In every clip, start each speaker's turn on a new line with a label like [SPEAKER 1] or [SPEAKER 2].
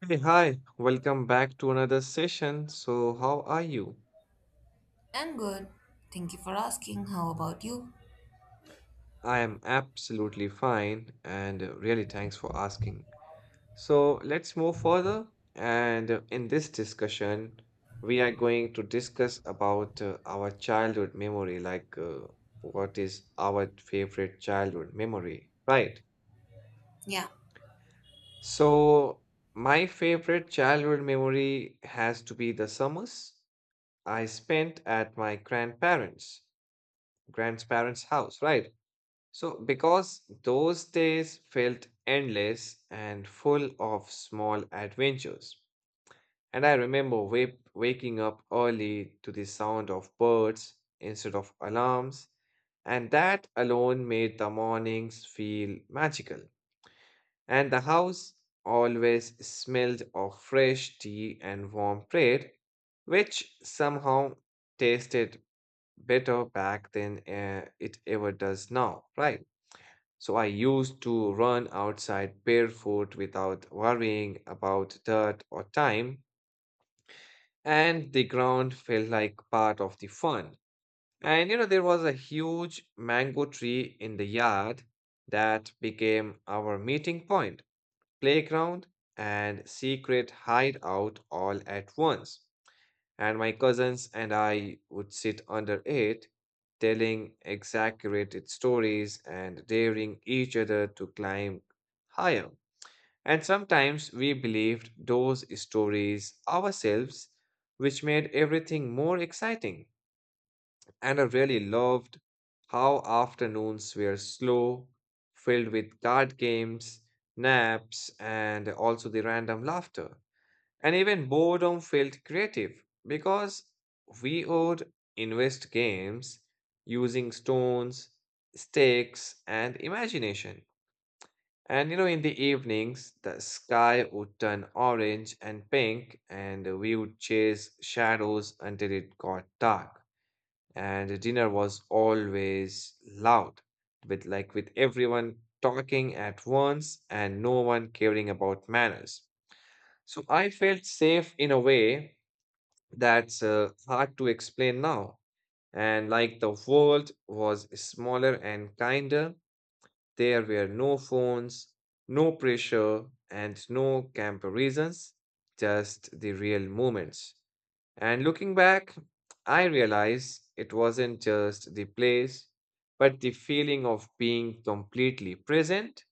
[SPEAKER 1] Hey, hi, welcome back to another session. So, how are you?
[SPEAKER 2] I'm good. Thank you for asking. How about you?
[SPEAKER 1] I am absolutely fine and really thanks for asking. So, let's move further. And in this discussion, we are going to discuss about our childhood memory, like what is our favorite childhood memory, right?
[SPEAKER 2] Yeah,
[SPEAKER 1] So, my favorite childhood memory has to be the summers I spent at my grandparents' house, right? So, because those days felt endless and full of small adventures. And I remember waking up early to the sound of birds instead of alarms, and that alone made the mornings feel magical. And the house always smelled of fresh tea and warm bread, which somehow tasted better back than it ever does now, right? So I used to run outside barefoot without worrying about dirt or time, and the ground felt like part of the fun. And you know, there was a huge mango tree in the yard that became our meeting point, playground, and secret hideout all at once, and my cousins and I would sit under it, telling exaggerated stories and daring each other to climb higher. And sometimes we believed those stories ourselves, which made everything more exciting. And I really loved how afternoons were slow, filled with card games, naps, and also the random laughter. And even boredom felt creative because we would invest games using stones, sticks, and imagination. And you know, in the evenings, the sky would turn orange and pink, and we would chase shadows until it got dark. And dinner was always loud, with like with everyone talking at once and no one caring about manners. So I felt safe in a way that's hard to explain now. And like the world was smaller and kinder, there were no phones, no pressure, and no comparisons, just the real moments. And looking back, I realize it wasn't just the place, but the feeling of being completely present,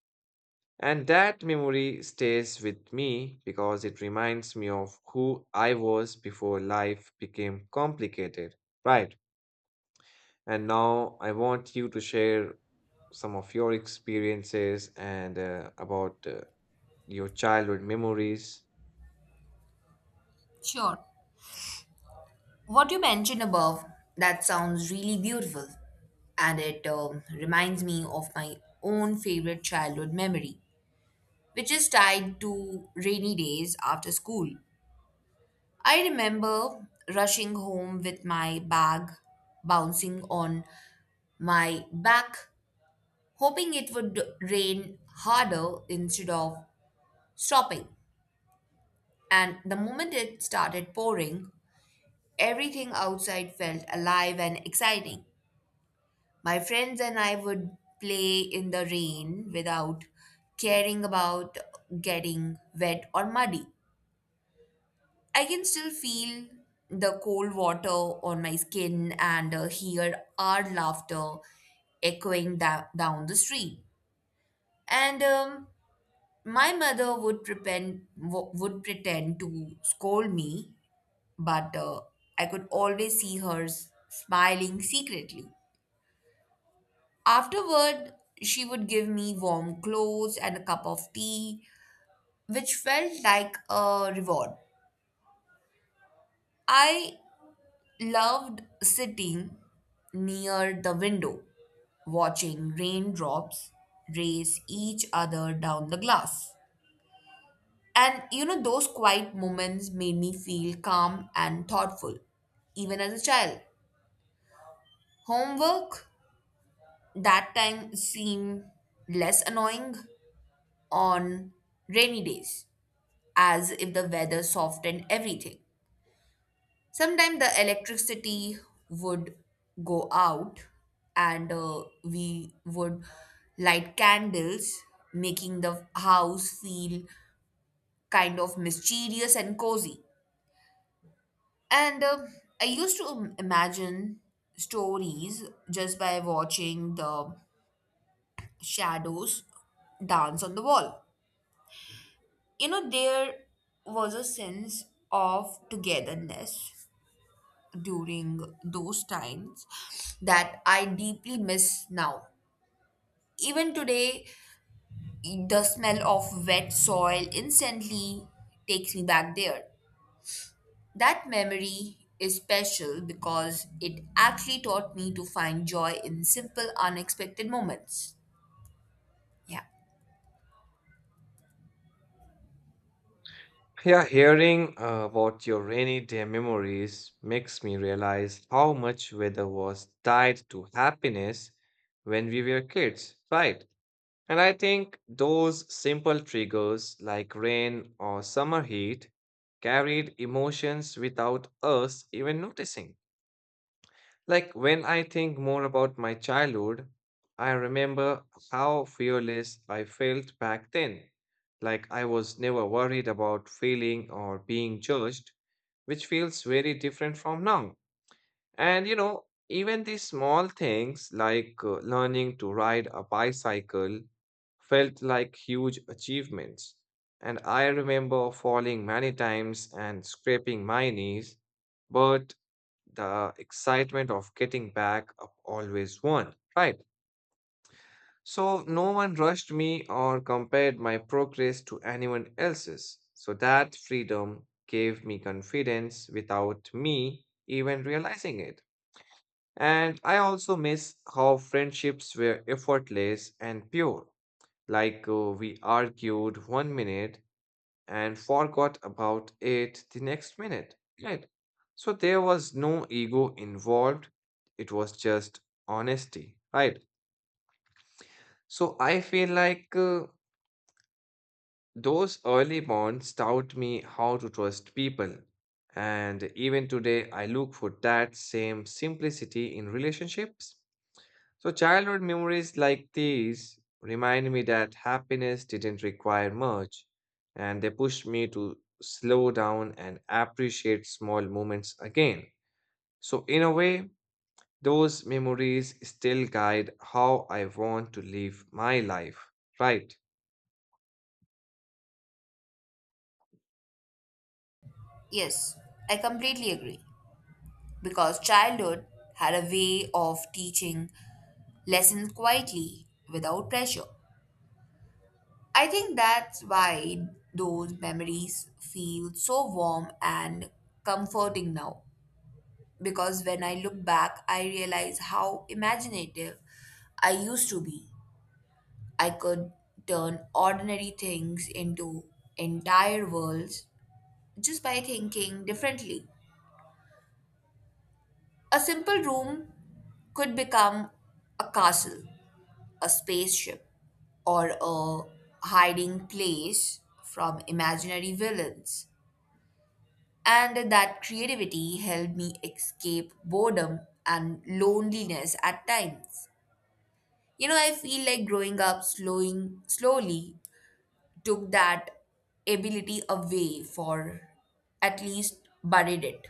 [SPEAKER 1] and that memory stays with me because it reminds me of who I was before life became complicated. Right. And now I want you to share some of your experiences and about your childhood memories.
[SPEAKER 2] sure. What you mentioned above, that sounds really beautiful. And it reminds me of my own favorite childhood memory, which is tied to rainy days after school. I remember rushing home with my bag bouncing on my back, hoping it would rain harder instead of stopping. And the moment it started pouring, everything outside felt alive and exciting. My friends and I would play in the rain without caring about getting wet or muddy. I can still feel the cold water on my skin and hear our laughter echoing down the street. And My mother would would pretend to scold me, but I could always see her smiling secretly. Afterward, she would give me warm clothes and a cup of tea, which felt like a reward. I loved sitting near the window, watching raindrops race each other down the glass. Those quiet moments made me feel calm and thoughtful, even as a child. Homework that time seemed less annoying on rainy days, as if the weather softened everything. Sometimes the electricity would go out and we would light candles, making the house feel kind of mysterious and cozy. And I used to imagine stories just by watching the shadows dance on the wall. You know, there was a sense of togetherness during those times that I deeply miss now. Even today, the smell of wet soil instantly takes me back there. That memory is special because it actually taught me to find joy in simple, unexpected moments. Yeah,
[SPEAKER 1] Yeah, hearing about your rainy day memories makes me realize how much weather was tied to happiness when we were kids, right? And I think those simple triggers like rain or summer heat carried emotions without us even noticing. Like when I think more about my childhood, I remember how fearless I felt back then. Like I was never worried about failing or being judged, which feels very different from now. And you know, even these small things like learning to ride a bicycle felt like huge achievements. And I remember falling many times and scraping my knees, but the excitement of getting back up always won, right? So no one rushed me or compared my progress to anyone else's. So that freedom gave me confidence without me even realizing it. And I also miss how friendships were effortless and pure. Like we argued one minute and forgot about it the next minute, right? So there was no ego involved, it was just honesty, right? So I feel like those early bonds taught me how to trust people. And even today, I look for that same simplicity in relationships. So, childhood memories like these remind me that happiness didn't require much, and they pushed me to slow down and appreciate small moments again. So, in a way, those memories still guide how I want to live my life, right?
[SPEAKER 2] yes, I completely agree. Because childhood had a way of teaching lessons quietly without pressure. I think that's why those memories feel so warm and comforting now. Because when I look back, I realize how imaginative I used to be. I could turn ordinary things into entire worlds just by thinking differently. A simple room could become a castle, a spaceship, or a hiding place from imaginary villains. And that creativity helped me escape boredom and loneliness at times. You know, I feel like growing up slowing slowly took that ability away, for at least buried it.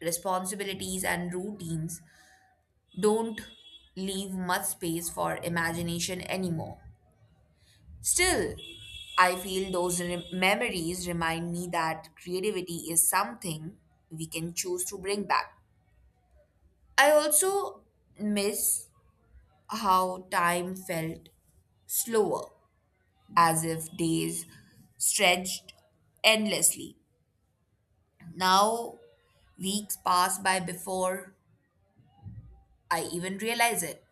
[SPEAKER 2] Responsibilities and routines don't leave much space for imagination anymore. Still, I feel those memories remind me that creativity is something we can choose to bring back. I also miss how time felt slower, as if days stretched endlessly. Now, weeks pass by before I even realize it.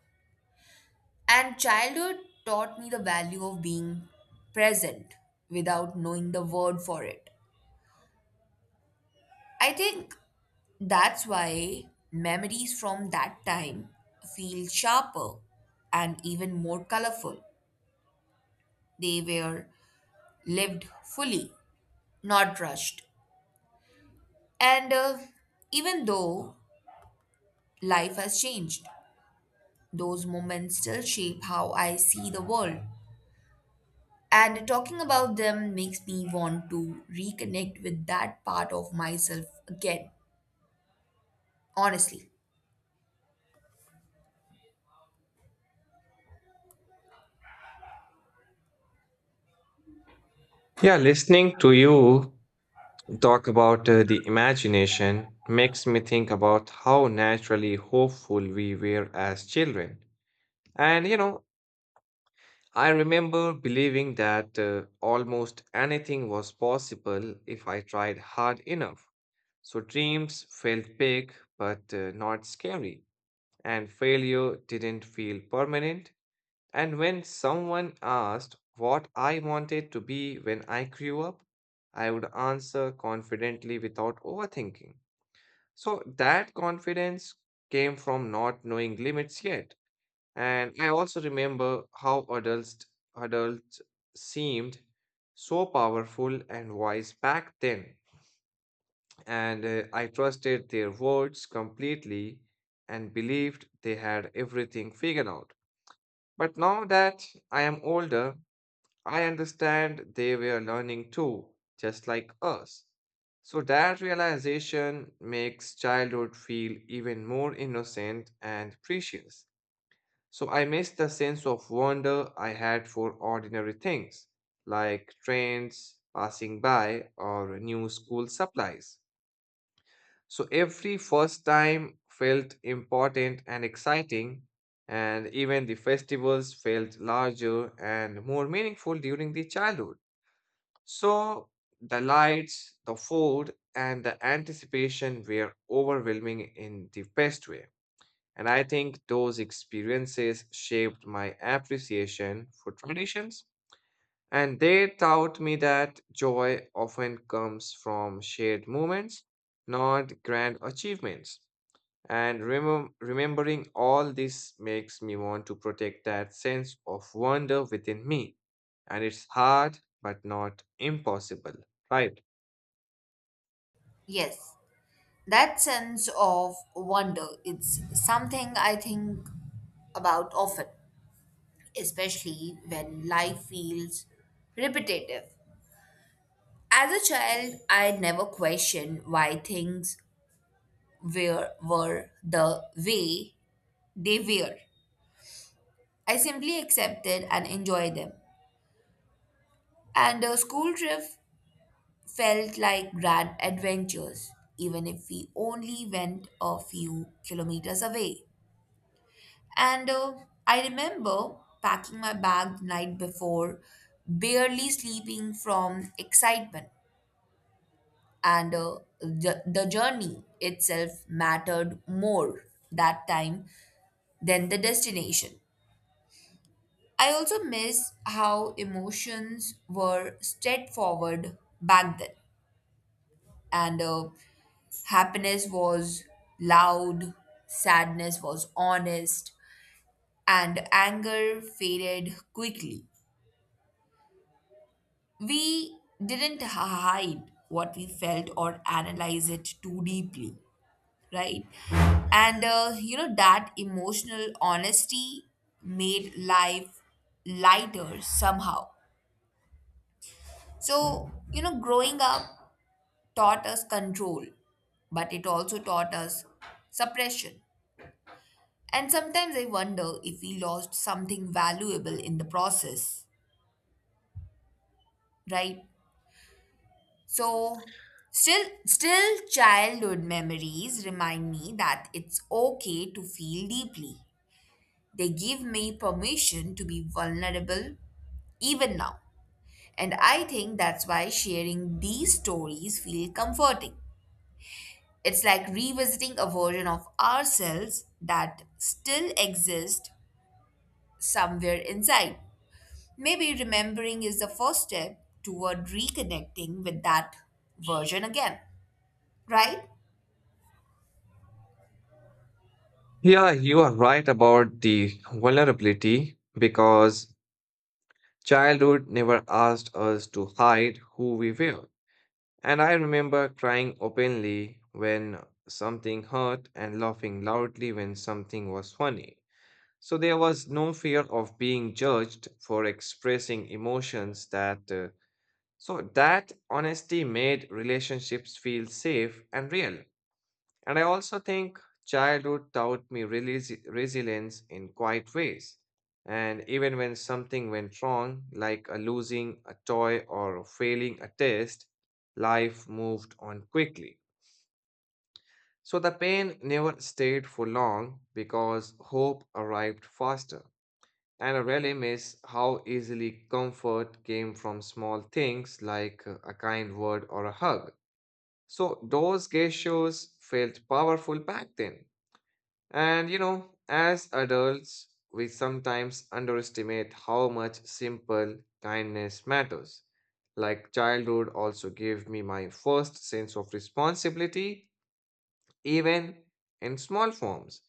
[SPEAKER 2] And childhood taught me the value of being present without knowing the word for it. I think that's why memories from that time feel sharper and even more colorful. They were lived fully, not rushed. And Even though life has changed, those moments still shape how I see the world. And talking about them makes me want to reconnect with that part of myself again, honestly.
[SPEAKER 1] Yeah, listening to you talk about the imagination makes me think about how naturally hopeful we were as children. And you know, I remember believing that almost anything was possible if I tried hard enough. So dreams felt big but not scary, and failure didn't feel permanent. And when someone asked what I wanted to be when I grew up, I would answer confidently without overthinking. So that confidence came from not knowing limits yet. And I also remember how adults seemed so powerful and wise back then, and I trusted their words completely and believed they had everything figured out. But now that I am older, I understand they were learning too, just like us. So that realization makes childhood feel even more innocent and precious. So I miss the sense of wonder I had for ordinary things like trains passing by or new school supplies. So every first time felt important and exciting, and even the festivals felt larger and more meaningful during the childhood. So the lights, the food, and the anticipation were overwhelming in the best way. And I think those experiences shaped my appreciation for traditions. And they taught me that joy often comes from shared moments, not grand achievements. And remembering all this makes me want to protect that sense of wonder within me. And it's hard, but not impossible, right?
[SPEAKER 2] Yes, that sense of wonder, it's something I think about often, especially when life feels repetitive. As a child, I never questioned why things were the way they were. I simply accepted and enjoyed them. And a school trip felt like grand adventures, even if we only went a few kilometers away. And I remember packing my bag the night before, barely sleeping from excitement. And the journey itself mattered more that time than the destination. I also miss how emotions were straightforward back then, and happiness was loud, sadness was honest, and anger faded quickly. We didn't hide what we felt or analyze it too deeply, right? That emotional honesty made life lighter somehow. So, you know, growing up taught us control, but it also taught us suppression. And sometimes I wonder if we lost something valuable in the process, right? So, still childhood memories remind me that it's okay to feel deeply. They give me permission to be vulnerable even now. And I think that's why sharing these stories feel comforting. It's like revisiting a version of ourselves that still exists somewhere inside. Maybe remembering is the first step toward reconnecting with that version again, right?
[SPEAKER 1] Yeah, you are right about the vulnerability, because childhood never asked us to hide who we were. And I remember crying openly when something hurt and laughing loudly when something was funny. So there was no fear of being judged for expressing emotions that so that honesty made relationships feel safe and real. And I also think childhood taught me resilience in quiet ways. And even when something went wrong, like a losing a toy or failing a test, life moved on quickly. So the pain never stayed for long because hope arrived faster. And I really miss how easily comfort came from small things like a kind word or a hug. So those gestures felt powerful back then. And you know, as adults, we sometimes underestimate how much simple kindness matters. Like childhood also gave me my first sense of responsibility, even in small forms.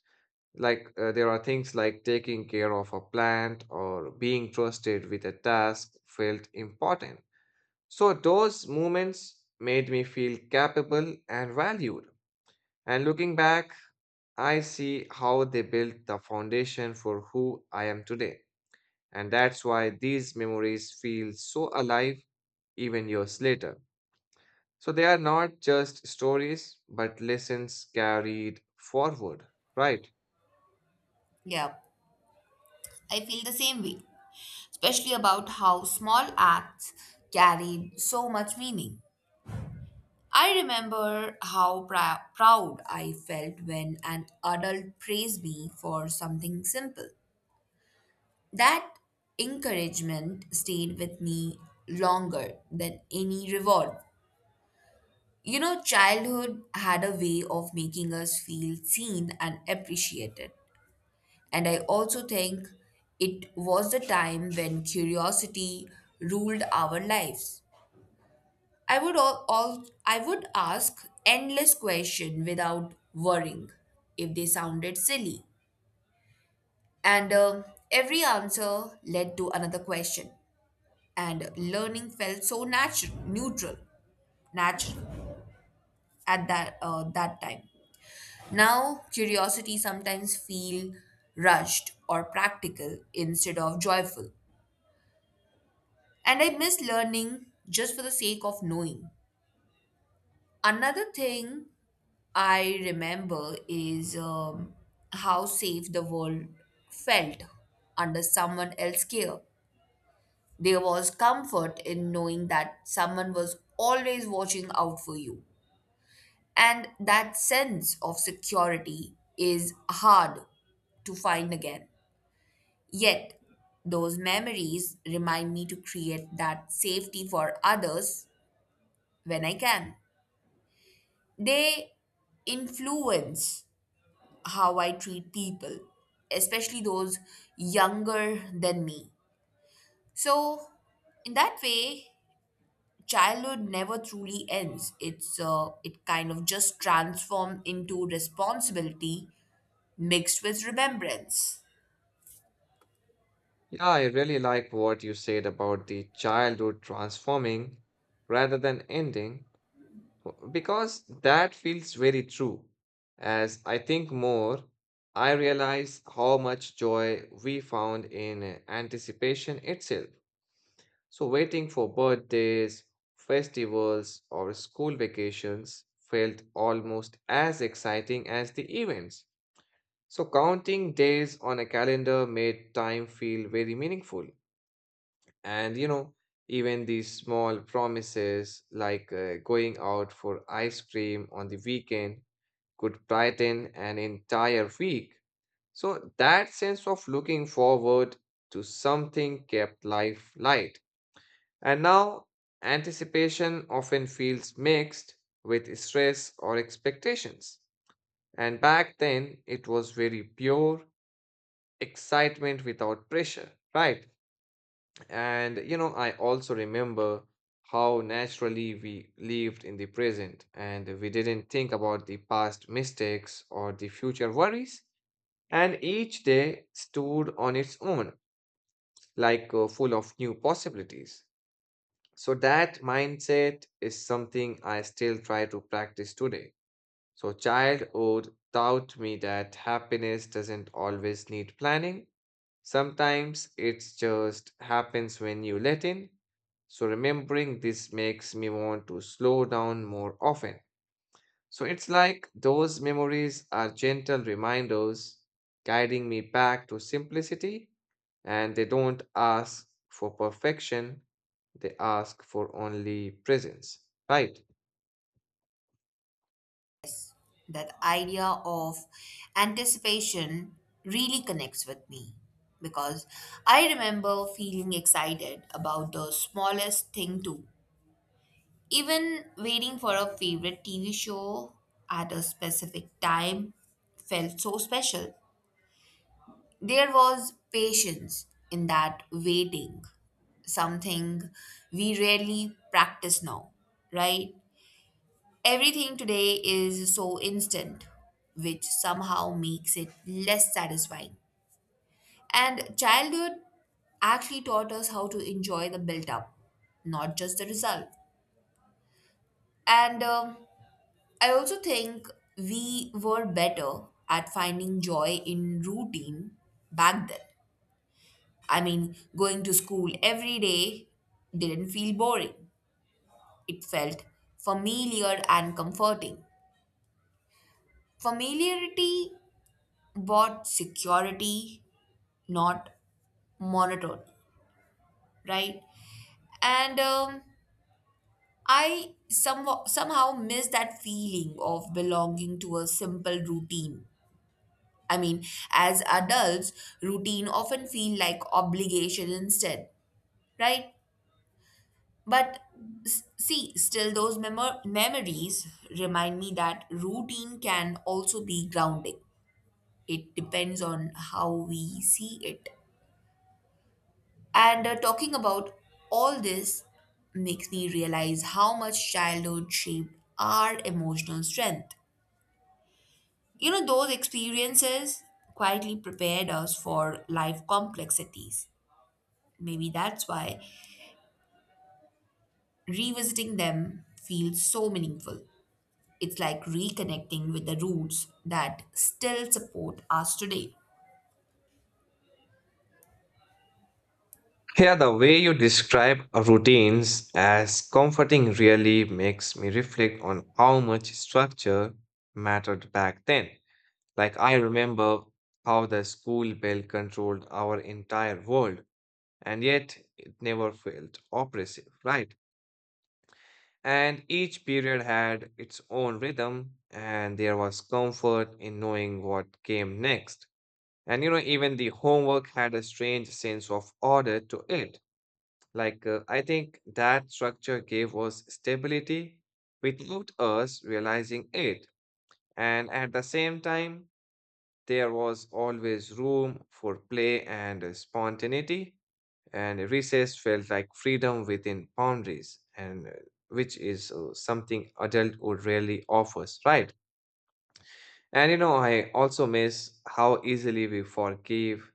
[SPEAKER 1] Like there are things like taking care of a plant or being trusted with a task felt important. So those moments made me feel capable and valued. And looking back, I see how they built the foundation for who I am today, and that's why these memories feel so alive even years later. So they are not just stories, but lessons carried forward, right?
[SPEAKER 2] Yeah, I feel the same way, especially about how small acts carry so much meaning. I remember how proud I felt when an adult praised me for something simple. That encouragement stayed with me longer than any reward. You know, childhood had a way of making us feel seen and appreciated. And I also think it was the time when curiosity ruled our lives. I would ask endless question without worrying if they sounded silly. And Every answer led to another question. And learning felt so natural at that time. Now curiosity sometimes feel rushed or practical instead of joyful. And I miss learning just for the sake of knowing. Another thing I remember is how safe the world felt under someone else's care. There was comfort in knowing that someone was always watching out for you. And that sense of security is hard to find again. Yet, those memories remind me to create that safety for others when I can. They influence how I treat people, especially those younger than me. So, in that way, childhood never truly ends. It kind of just transforms into responsibility mixed with remembrance.
[SPEAKER 1] Yeah, I really like what you said about the childhood transforming rather than ending. Well, because that feels very true. As I think more, I realize how much joy we found in anticipation itself. So, waiting for birthdays, festivals, or school vacations felt almost as exciting as the events. So, counting days on a calendar made time feel very meaningful. And you know, even these small promises like going out for ice cream on the weekend could brighten an entire week. So that sense of looking forward to something kept life light. And now anticipation often feels mixed with stress or expectations. And back then it was very pure excitement without pressure, right? And you know, I also remember how naturally we lived in the present, and we didn't think about the past mistakes or the future worries. And each day stood on its own, like full of new possibilities. So that mindset is something I still try to practice today. So, childhood taught me that happiness doesn't always need planning. Sometimes it just happens when you let in. So, remembering this makes me want to slow down more often. So, it's like those memories are gentle reminders guiding me back to simplicity, and they don't ask for perfection, they ask for only presence, right?
[SPEAKER 2] That idea of anticipation really connects with me because I remember feeling excited about the smallest thing too. Even waiting for a favorite TV show at a specific time felt so special. There was patience in that waiting, something we rarely practice now, right? Everything today is so instant, which somehow makes it less satisfying. And childhood actually taught us how to enjoy the build up, not just the result. And I also think we were better at finding joy in routine back then. I mean, going to school every day didn't feel boring. It felt familiar and comforting. Familiarity brought security, not monotony, right? And I somehow miss that feeling of belonging to a simple routine. I mean, as adults, routine often feel like obligation instead, right? But see, still those memories remind me that routine can also be grounding. It depends on how we see it. And Talking about all this makes me realize how much childhood shaped our emotional strength. You know, those experiences quietly prepared us for life complexities. Maybe that's why revisiting them feels so meaningful. It's like reconnecting with the roots that still support us today.
[SPEAKER 1] Yeah, the way you describe routines as comforting really makes me reflect on how much structure mattered back then. Like, I remember how the school bell controlled our entire world, and yet it never felt oppressive, right? And each period had its own rhythm, and there was comfort in knowing what came next. And you know, even the homework had a strange sense of order to it like, I think that structure gave us stability without us realizing it. And at the same time, there was always room for play and spontaneity, and recess felt like freedom within boundaries, and which is something adulthood rarely offers, right? And you know, I also miss how easily we forgive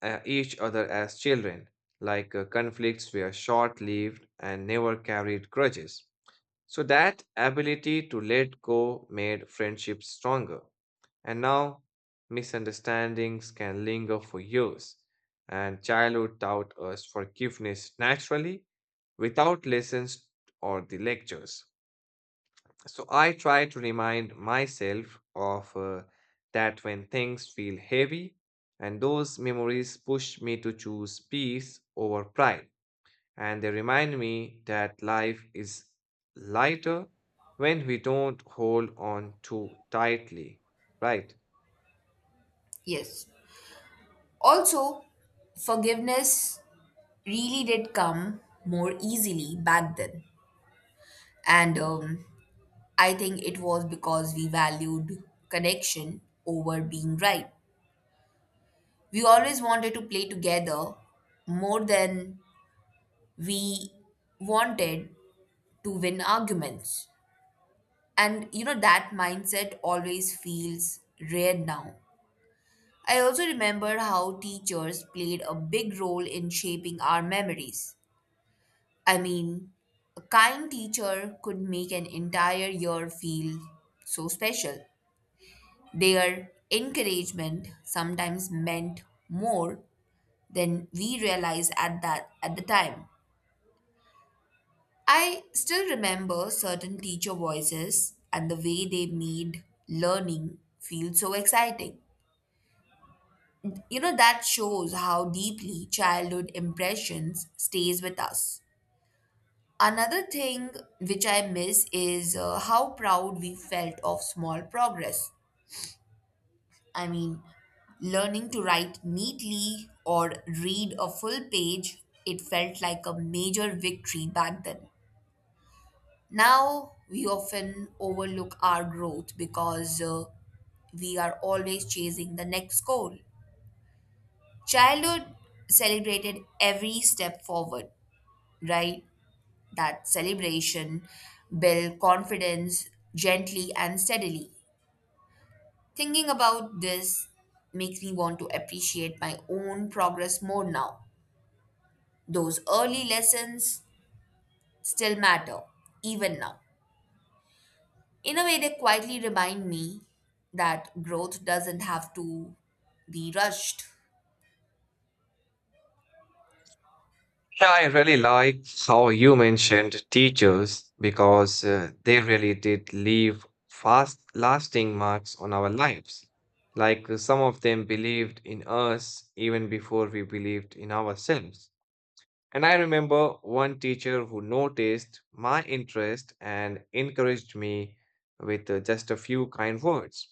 [SPEAKER 1] each other as children, like conflicts were short lived and never carried grudges. So, that ability to let go made friendships stronger. And now, misunderstandings can linger for years, and childhood taught us forgiveness naturally without lessons or the lectures. So I try to remind myself of that when things feel heavy, and those memories push me to choose peace over pride. And they remind me that life is lighter when we don't hold on too tightly, right?
[SPEAKER 2] Yes. Also, forgiveness really did come more easily back then. And I think it was because we valued connection over being right. We always wanted to play together more than we wanted to win arguments. And you know, that mindset always feels rare now. I also remember how teachers played a big role in shaping our memories. I mean, a kind teacher could make an entire year feel so special. Their encouragement sometimes meant more than we realized at the time. I still remember certain teacher voices and the way they made learning feel so exciting. You know, that shows how deeply childhood impressions stays with us. Another thing which I miss is how proud we felt of small progress. I mean, learning to write neatly or read a full page, it felt like a major victory back then. Now, we often overlook our growth because we are always chasing the next goal. Childhood celebrated every step forward, right? That celebration build confidence gently and steadily. Thinking about this makes me want to appreciate my own progress more now. Those early lessons still matter, even now. In a way, they quietly remind me that growth doesn't have to be rushed.
[SPEAKER 1] Yeah, I really like how you mentioned teachers because they really did leave fast lasting marks on our lives. Like some of them believed in us even before we believed in ourselves. And I remember one teacher who noticed my interest and encouraged me with just a few kind words.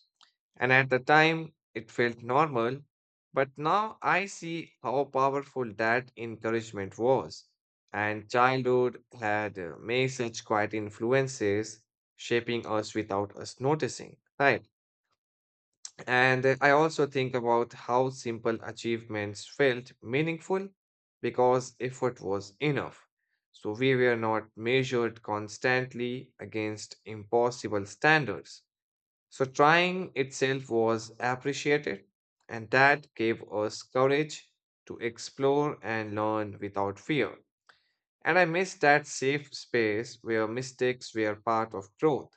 [SPEAKER 1] And at the time, it felt normal, but now I see how powerful that encouragement was. And childhood had made such quiet influences shaping us without us noticing, right? And I also think about how simple achievements felt meaningful because effort was enough. So we were not measured constantly against impossible standards. So trying itself was appreciated, and that gave us courage to explore and learn without fear. And I miss that safe space where mistakes were part of growth.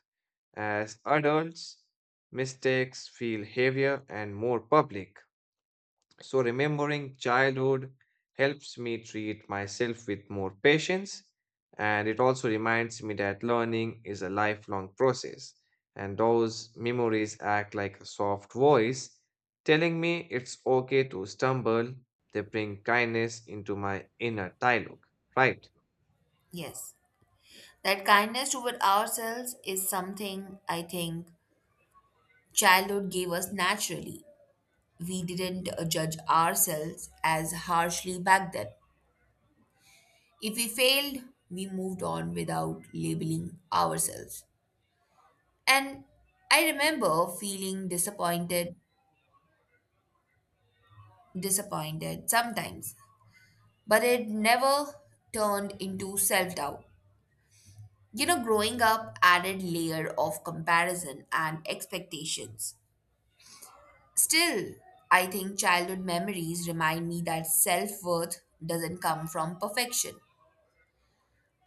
[SPEAKER 1] As adults, mistakes feel heavier and more public. So, remembering childhood helps me treat myself with more patience, and it also reminds me that learning is a lifelong process. And those memories act like a soft voice telling me it's okay to stumble. They bring kindness into my inner dialogue. Right.
[SPEAKER 2] Yes. That kindness toward ourselves is something I think childhood gave us naturally. We didn't judge ourselves as harshly back then. If we failed, we moved on without labeling ourselves. And I remember feeling disappointed sometimes, but it never turned into self doubt. You know, growing up added layer of comparison and expectations. Still, I think childhood memories remind me that self worth doesn't come from perfection.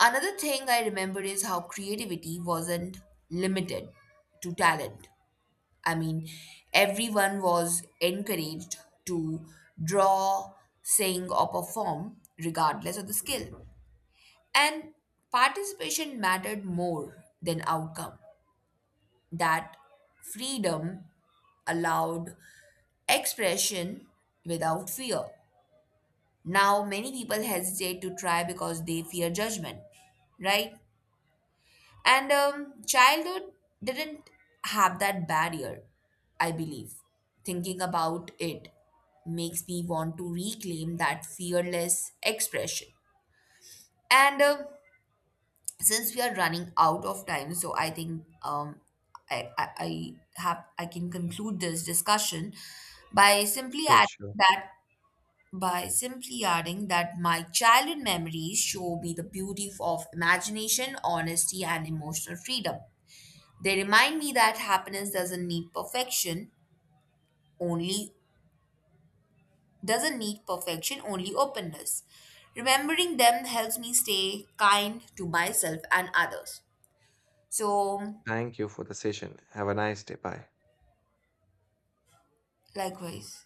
[SPEAKER 2] Another thing I remember is how creativity wasn't limited to talent. I mean, everyone was encouraged to draw, sing, or perform, regardless of the skill. And participation mattered more than outcome. That freedom allowed expression without fear. Now, many people hesitate to try because they fear judgment, right? And Childhood didn't have that barrier, I believe. Thinking about it makes me want to reclaim that fearless expression. And Since we are running out of time, so I think I can conclude this discussion by simply
[SPEAKER 1] Sure,
[SPEAKER 2] adding
[SPEAKER 1] sure.
[SPEAKER 2] that that my childhood memories show me the beauty of imagination, honesty, and emotional freedom. They remind me that happiness only doesn't need perfection, only openness. Remembering them helps me stay kind to myself and others. So,
[SPEAKER 1] Thank you for the session. Have a nice day. Bye.
[SPEAKER 2] likewise.